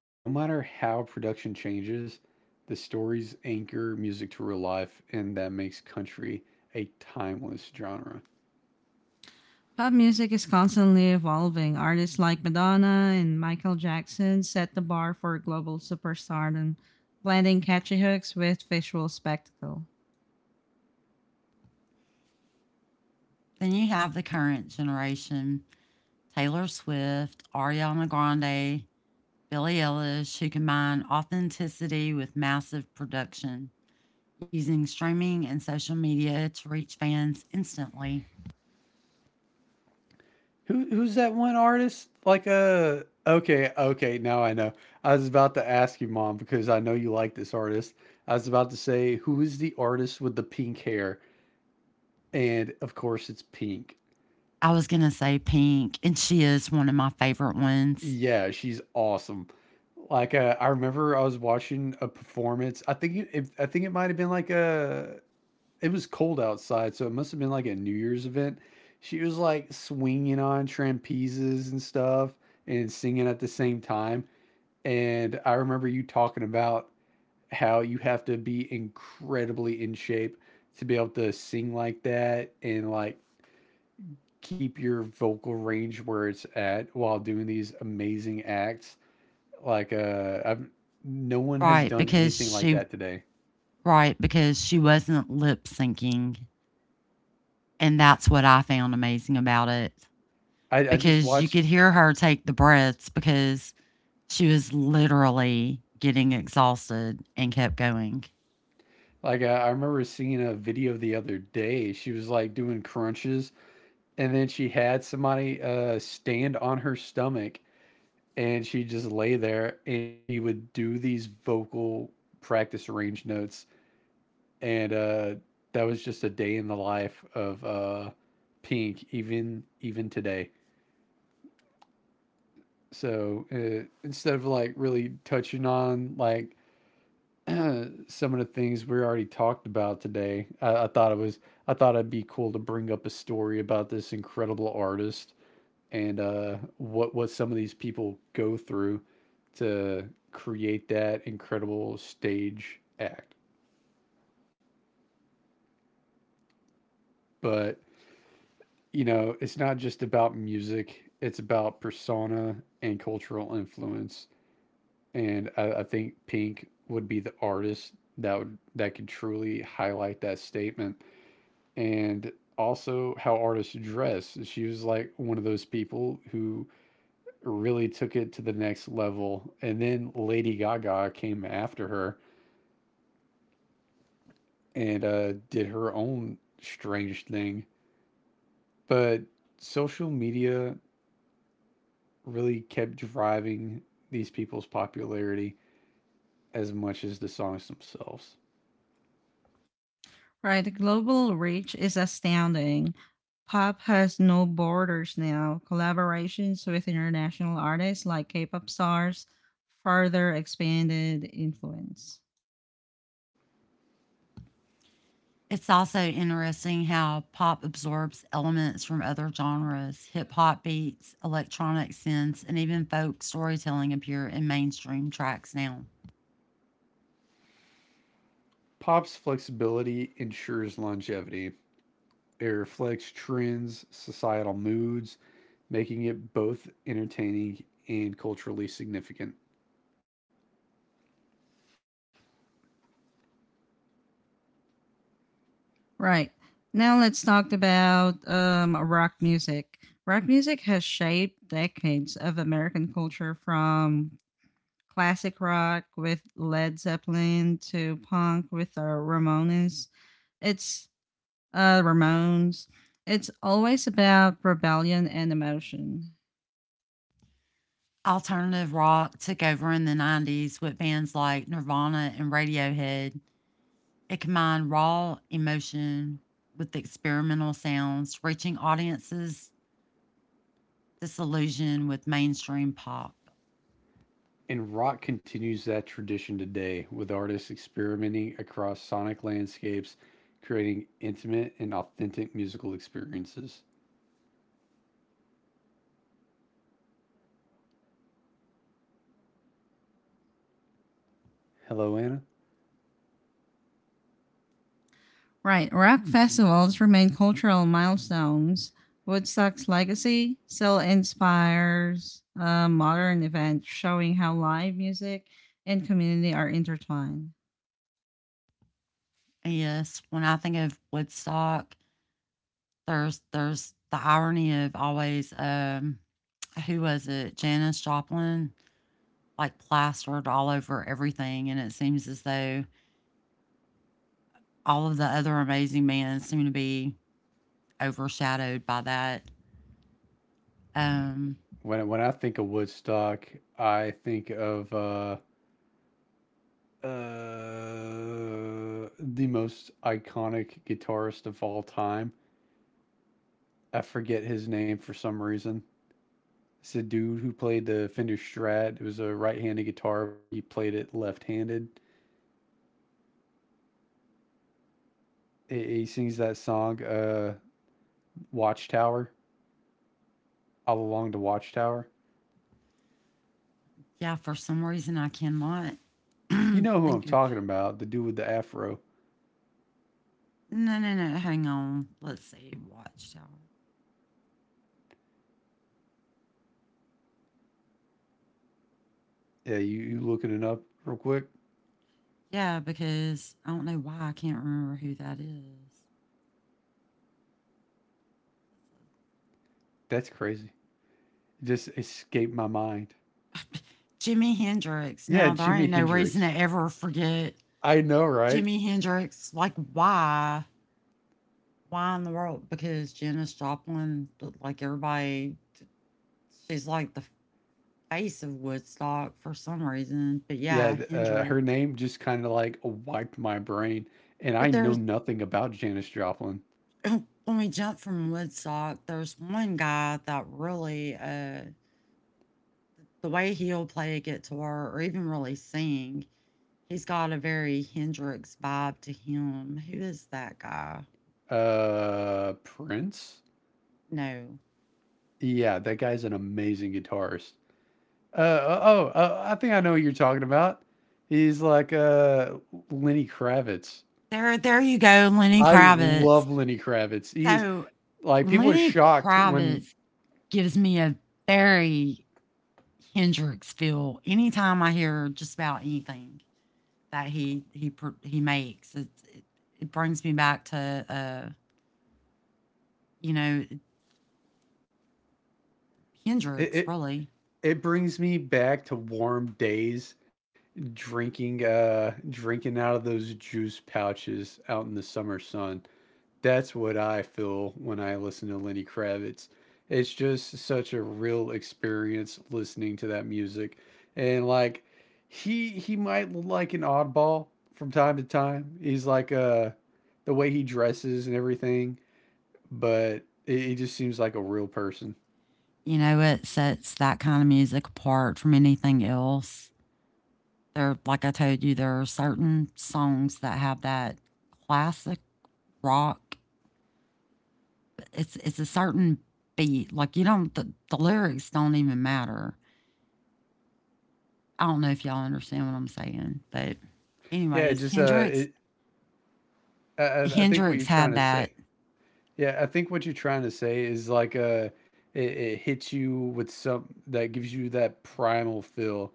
Speaker 3: No matter how production changes, the stories anchor music to real life, and that makes country a timeless genre.
Speaker 1: Pop music is constantly evolving. Artists like Madonna and Michael Jackson set the bar for global superstardom, blending catchy hooks with visual spectacle.
Speaker 2: Then you have the current generation: Taylor Swift, Ariana Grande, Billie Eilish, who combined authenticity with massive production, using streaming and social media to reach fans instantly.
Speaker 3: Who's that one artist? Like a okay, okay, now I know. I was about to ask you, Mom, because I know you like this artist. I was about to say, who is the artist with the pink hair? And of course it's Pink.
Speaker 2: I was going to say Pink, and she is one of my favorite ones.
Speaker 3: Yeah, she's awesome. Like I remember I was watching a performance. I think I think it might have been like a— it was cold outside, so it must have been like a New Year's event. She was like swinging on trapezes and stuff and singing at the same time. And I remember you talking about how you have to be incredibly in shape to be able to sing like that, and like keep your vocal range where it's at while doing these amazing acts. Like I've no one has
Speaker 2: Right,
Speaker 3: done anything like that today.
Speaker 2: because she wasn't lip syncing, and that's what I found amazing about it
Speaker 3: I just
Speaker 2: because you
Speaker 3: watched—
Speaker 2: could hear her take the breaths because she was literally getting exhausted and kept going.
Speaker 3: like I remember seeing a video the other day. She was like doing crunches, and then she had somebody stand on her stomach, and she'd just lay there and she would do these vocal practice range notes. And that was just a day in the life of Pink, even today. So instead of like really touching on like some of the things we already talked about today, I thought it'd be cool to bring up a story about this incredible artist, and what some of these people go through to create that incredible stage act. But it's not just about music; it's about persona and cultural influence. And I think Pink would be the artist that would that could truly highlight that statement. And also how artists dress. She was like one of those people who really took it to the next level. And then Lady Gaga came after her and did her own strange thing. But social media really kept driving these people's popularity as much as the songs themselves.
Speaker 1: Right, the global reach is astounding. Pop has no borders now. Collaborations with international artists like K pop stars further expanded influence.
Speaker 2: It's also interesting how pop absorbs elements from other genres. Hip hop beats, electronic synths, and even folk storytelling appear in mainstream tracks now.
Speaker 3: Pop's flexibility ensures longevity. It reflects trends, societal moods, making it both entertaining and culturally significant.
Speaker 1: Right. Now let's talk about rock music. Rock music has shaped decades of American culture from classic rock with Led Zeppelin to punk with the Ramones. It's Ramones. It's always about rebellion and emotion.
Speaker 2: Alternative rock took over in the 90s with bands like Nirvana and Radiohead. It combined raw emotion with experimental sounds, reaching audiences disillusioned with mainstream pop.
Speaker 3: And rock continues that tradition today with artists experimenting across sonic landscapes, creating intimate and authentic musical experiences. Hello, Anna.
Speaker 1: Right. Rock festivals remain cultural milestones. Woodstock's legacy still inspires modern events, showing how live music and community are intertwined.
Speaker 2: Yes, when I think of Woodstock, there's the irony of always, who was it? Janis Joplin, like, plastered all over everything, and it seems as though all of the other amazing men seem to be overshadowed by that. Um
Speaker 3: When I think of Woodstock, I think of uh, the most iconic guitarist of all time. I forget his name for some reason. It's a dude who played the Fender Strat. It was a right handed guitar, but he played it left handed. He sings that song. Watchtower, all along the Watchtower.
Speaker 2: yeah, for some reason I cannot
Speaker 3: You know who I'm
Speaker 2: think of.
Speaker 3: talking about, the dude with the afro.
Speaker 2: No, no, no, hang on. Let's see, Watchtower.
Speaker 3: Yeah, you looking it up real quick?
Speaker 2: Yeah, because I don't know why I can't remember who that is.
Speaker 3: That's crazy. It just escaped my mind.
Speaker 2: Jimi Hendrix.
Speaker 3: Yeah,
Speaker 2: Now there
Speaker 3: Jimi
Speaker 2: ain't no reason to
Speaker 3: Hendrix.
Speaker 2: ever forget
Speaker 3: I know, right?
Speaker 2: Jimi Hendrix, like why? Why in the world? Because Janis Joplin, like everybody, she's like the face of Woodstock for some reason. But
Speaker 3: Yeah,
Speaker 2: yeah,
Speaker 3: her
Speaker 2: Hendrix.
Speaker 3: name just kind of like wiped my brain, and
Speaker 2: But
Speaker 3: I know
Speaker 2: there's
Speaker 3: nothing about Janis Joplin.
Speaker 2: when we jump from Woodstock, there's one guy that really, the way he'll play a guitar or even really sing, he's got a very Hendrix vibe to him. Who is that guy?
Speaker 3: Prince?
Speaker 2: No,
Speaker 3: Yeah, that guy's an amazing guitarist. Oh, I think I know what you're talking about. He's like Lenny Kravitz.
Speaker 2: there you go, Lenny
Speaker 3: I
Speaker 2: Kravitz.
Speaker 3: love Lenny Kravitz. He is,
Speaker 2: So
Speaker 3: like, people are
Speaker 2: Lenny
Speaker 3: shocked when
Speaker 2: Kravitz gives me a very Hendrix feel anytime I hear just about anything that he makes. It brings me back to, you know
Speaker 3: it
Speaker 2: Hendrix
Speaker 3: it,
Speaker 2: really.
Speaker 3: it brings me back to warm days drinking out of those juice pouches out in the summer sun. That's what I feel when I listen to Lenny Kravitz. It's just such a real experience listening to that music. And like he might look like an oddball from time to time. He's like the way he dresses and everything, but he just seems like a real person.
Speaker 2: You know it sets that kind of music apart from anything else. There, like I told you, there are certain songs that have that classic rock. It's a certain beat. Like, you don't the lyrics don't even matter. I don't know if y'all understand what I'm saying, but
Speaker 3: Yeah,
Speaker 2: anyways, Hendrix
Speaker 3: I think what you're
Speaker 2: Hendrix
Speaker 3: trying
Speaker 2: had
Speaker 3: to
Speaker 2: that.
Speaker 3: say. Yeah, I think what you're trying to say is like it hits you with some that gives you that primal feel,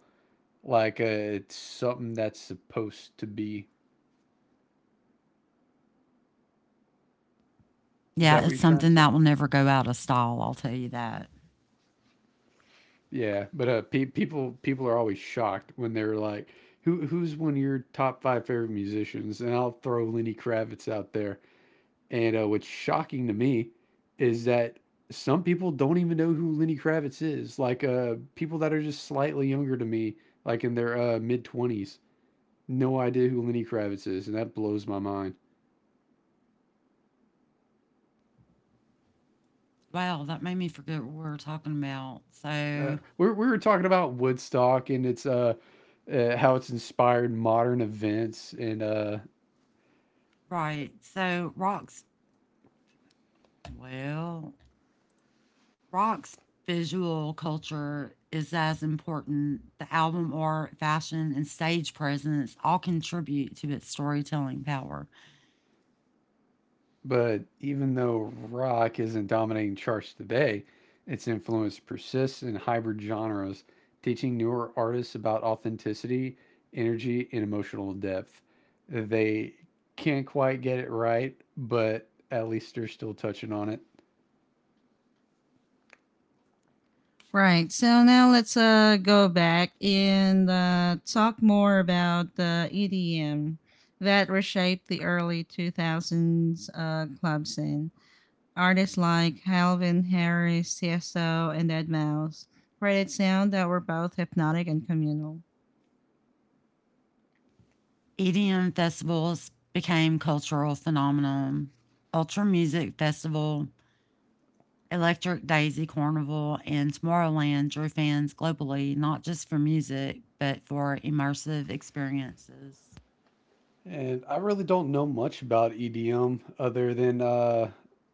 Speaker 3: like it's something that's supposed to be. Is
Speaker 2: Yeah,
Speaker 3: that what
Speaker 2: it's
Speaker 3: you're trying to
Speaker 2: something that
Speaker 3: say?
Speaker 2: will never go out of style. I'll tell you that.
Speaker 3: Yeah, but people are always shocked when they're like, "Who's one of your top five favorite musicians?" And I'll throw Lenny Kravitz out there. And what's shocking to me is that some people don't even know who Lenny Kravitz is. Like people that are just slightly younger to me, like in their mid-20s, no idea who Lenny Kravitz is, and that blows my mind.
Speaker 2: Wow, that made me forget what we were talking about. So,
Speaker 3: We were talking about Woodstock, and it's how it's inspired modern events and
Speaker 2: right, so rocks. Well, rocks visual culture is as important. The album art, fashion, and stage presence all contribute to its storytelling power.
Speaker 3: But even though rock isn't dominating charts today, its influence persists in hybrid genres, teaching newer artists about authenticity, energy, and emotional depth. They can't quite get it right, but at least they're still touching on it.
Speaker 1: Right. So now let's go back and talk more about the EDM that reshaped the early 2000s club scene. Artists like Calvin Harris, Tiesto, and Deadmau5 created sound that were both hypnotic and communal.
Speaker 2: EDM festivals became cultural phenomenon. Ultra Music Festival, Electric Daisy Carnival, and Tomorrowland drew fans globally, not just for music, but for immersive experiences
Speaker 3: And I really don't know much about EDM other than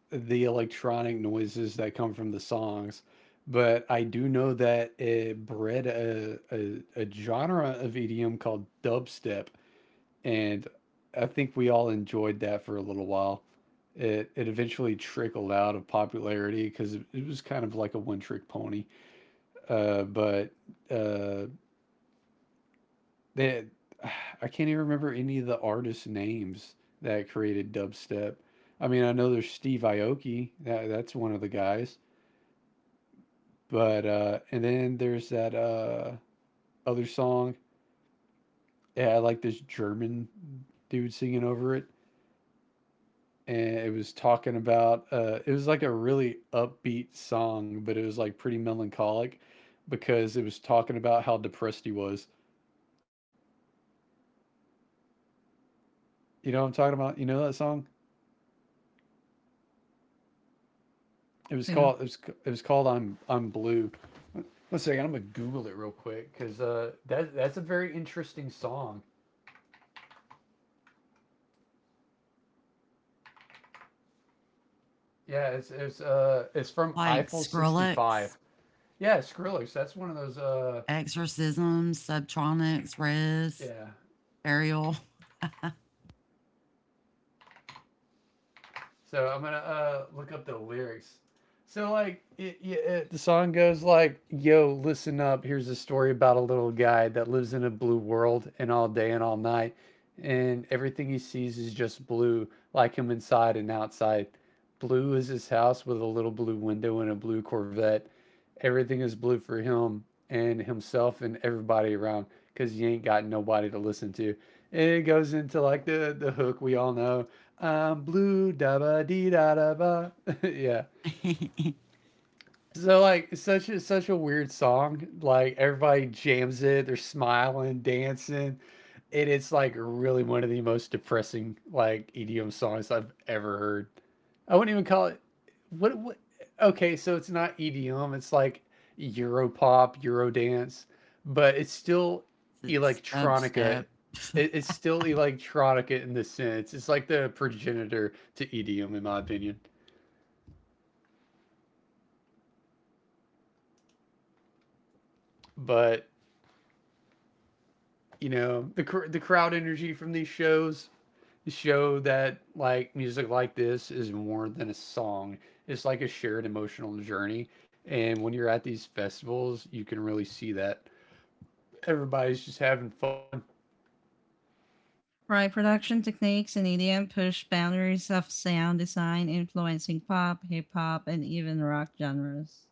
Speaker 3: the electronic noises that come from the songs. But I do know that it bred a genre of EDM called dubstep. And I think we all enjoyed that for a little while. It eventually trickled out of popularity because it was kind of like a one trick pony. But uh, that I can't even remember any of the artists' names that created dubstep. I mean, I know there's Steve Aoki, that's one of the guys, but and then there's that other song. Yeah, I like this German dude singing over it, and it was talking about. It was like a really upbeat song, but it was like pretty melancholic because it was talking about how depressed he was. You know what I'm talking about? You know that song? It
Speaker 1: Who?
Speaker 3: was called. It was. It was called "I'm Blue." One second, I'm gonna Google it real quick because that's a very interesting song. Yeah, it's from
Speaker 2: like
Speaker 3: Eiffel
Speaker 2: Skrillex,
Speaker 3: '65. Yeah, Skrillex. That's one of those.
Speaker 2: Exorcism, Subtronics, Res,
Speaker 3: Yeah.
Speaker 2: Burial.
Speaker 3: So I'm gonna look up the lyrics. So like, yeah, the song goes like, "Yo, listen up. Here's a story about a little guy that lives in a blue world, and all day and all night, and everything he sees is just blue, like him inside and outside." Blue is his house with a little blue window and a blue Corvette. Everything is blue for him and himself and everybody around because you ain't got nobody to listen to. And it goes into like the hook we all know. I'm blue da ba dee da da ba. yeah. So like such a weird song. Like everybody jams it, they're smiling, dancing. And it's like really one of the most depressing like EDM songs I've ever heard. I wouldn't even call it. What? What? Okay, so it's not EDM. It's like Europop, Eurodance, but it's still
Speaker 2: It's
Speaker 3: electronica.
Speaker 2: dubstep.
Speaker 3: It's still electronica in the sense. It's like the progenitor to EDM, in my opinion. But the crowd energy from these shows show that like music like this is more than a song. It's like a shared emotional journey, and when you're at these festivals, you can really see that. Everybody's just having fun.
Speaker 1: Right, production techniques in EDM pushed boundaries of sound design, influencing pop, hip hop, and even rock genres.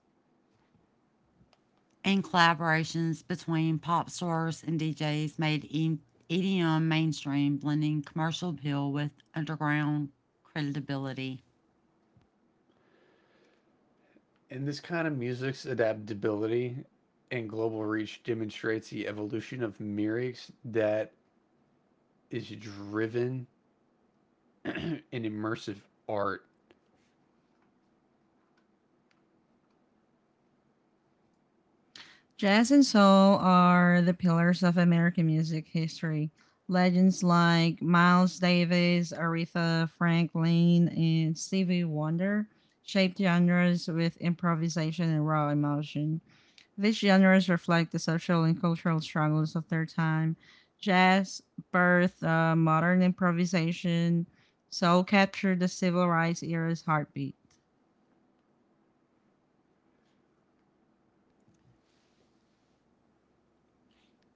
Speaker 2: And collaborations between pop stars and DJs made EDM mainstream, blending commercial appeal with underground credibility.
Speaker 3: And this kind of music's adaptability and global reach demonstrates the evolution of lyrics that is driven in immersive art.
Speaker 1: Jazz and soul are the pillars of American music history. Legends like Miles Davis, Aretha Franklin, and Stevie Wonder shaped genres with improvisation and raw emotion. These genres reflect the social and cultural struggles of their time. Jazz birthed modern improvisation. Soul captured the civil rights era's heartbeat.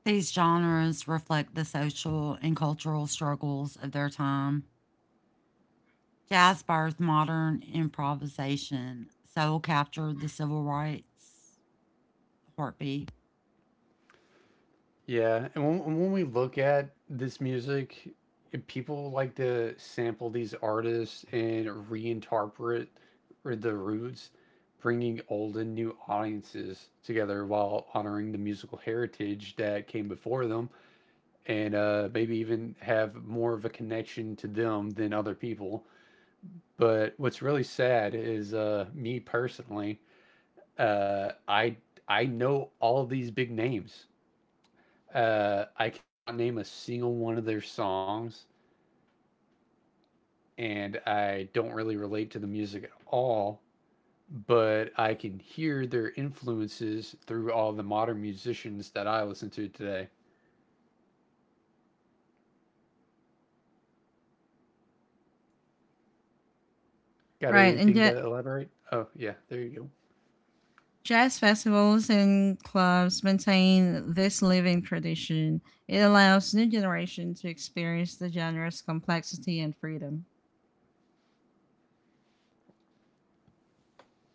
Speaker 2: These genres reflect the social and cultural struggles of their time. Jazz birthed modern improvisation. Soul captured the civil rights heartbeat.
Speaker 3: Yeah, and when we look at this music, people like to sample these artists and reinterpret the roots, bringing old and new audiences together while honoring the musical heritage that came before them, and maybe even have more of a connection to them than other people. But what's really sad is me personally. Uh, I I know all these big names. I cannot name a single one of their songs, and I don't really relate to the music at all. But I can hear their influences through all the modern musicians that I listen to today. Got
Speaker 1: Right, and
Speaker 3: anything
Speaker 1: yet
Speaker 3: to elaborate? Oh yeah, there you go.
Speaker 1: jazz festivals and clubs maintain this living tradition. It allows new generations to experience the genre's complexity and freedom.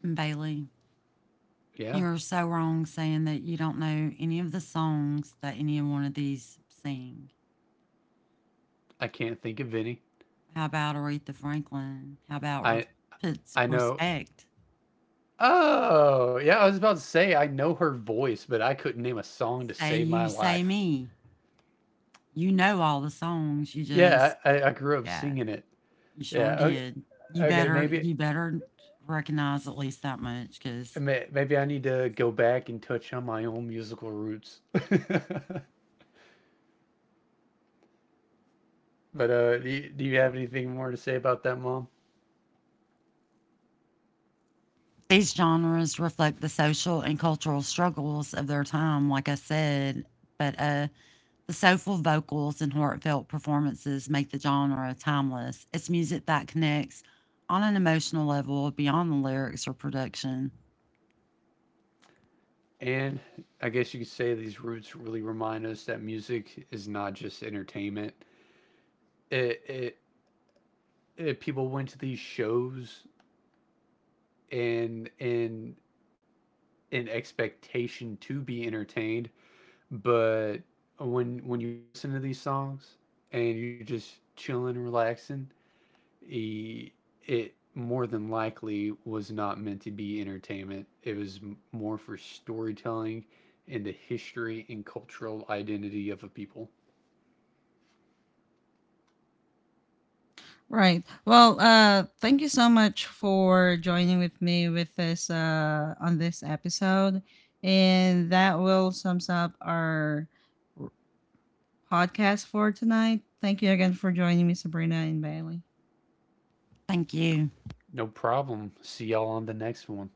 Speaker 2: Bailey,
Speaker 3: Yeah,
Speaker 2: you're so wrong saying that you don't know any of the songs that any one of these sing.
Speaker 3: I can't think of any.
Speaker 2: How about Aretha Franklin? How about
Speaker 3: I
Speaker 2: puts
Speaker 3: I know.
Speaker 2: respect?
Speaker 3: Oh, yeah. I was about to say I know her voice, but I couldn't name a song to
Speaker 2: Say
Speaker 3: save my
Speaker 2: you, say
Speaker 3: life.
Speaker 2: me. You know all the songs. You
Speaker 3: Yeah,
Speaker 2: just,
Speaker 3: I grew up
Speaker 2: yeah,
Speaker 3: singing it.
Speaker 2: you sure
Speaker 3: Yeah. Okay.
Speaker 2: did.
Speaker 3: Okay, maybe.
Speaker 2: You better recognize at least that much because
Speaker 3: Maybe I need to go back and touch on my own musical roots. But do you have anything more to say about that, Mom?
Speaker 2: these genres reflect the social and cultural struggles of their time, like I said. But the soulful vocals and heartfelt performances make the genre timeless. It's music that connects on an emotional level beyond the lyrics or production.
Speaker 3: And I guess you could say these roots really remind us that music is not just entertainment. It, it, it people went to these shows and an expectation to be entertained, but when you listen to these songs and you're just chilling, relaxing, e- it more than likely was not meant to be entertainment. It was more for storytelling and the history and cultural identity of a people.
Speaker 1: Right. Well, thank you so much for joining with me with this on this episode. And that will sums up our r- podcast for tonight. Thank you again for joining me, Sabrina and Bailey.
Speaker 2: Thank you.
Speaker 3: No problem. See y'all on the next one.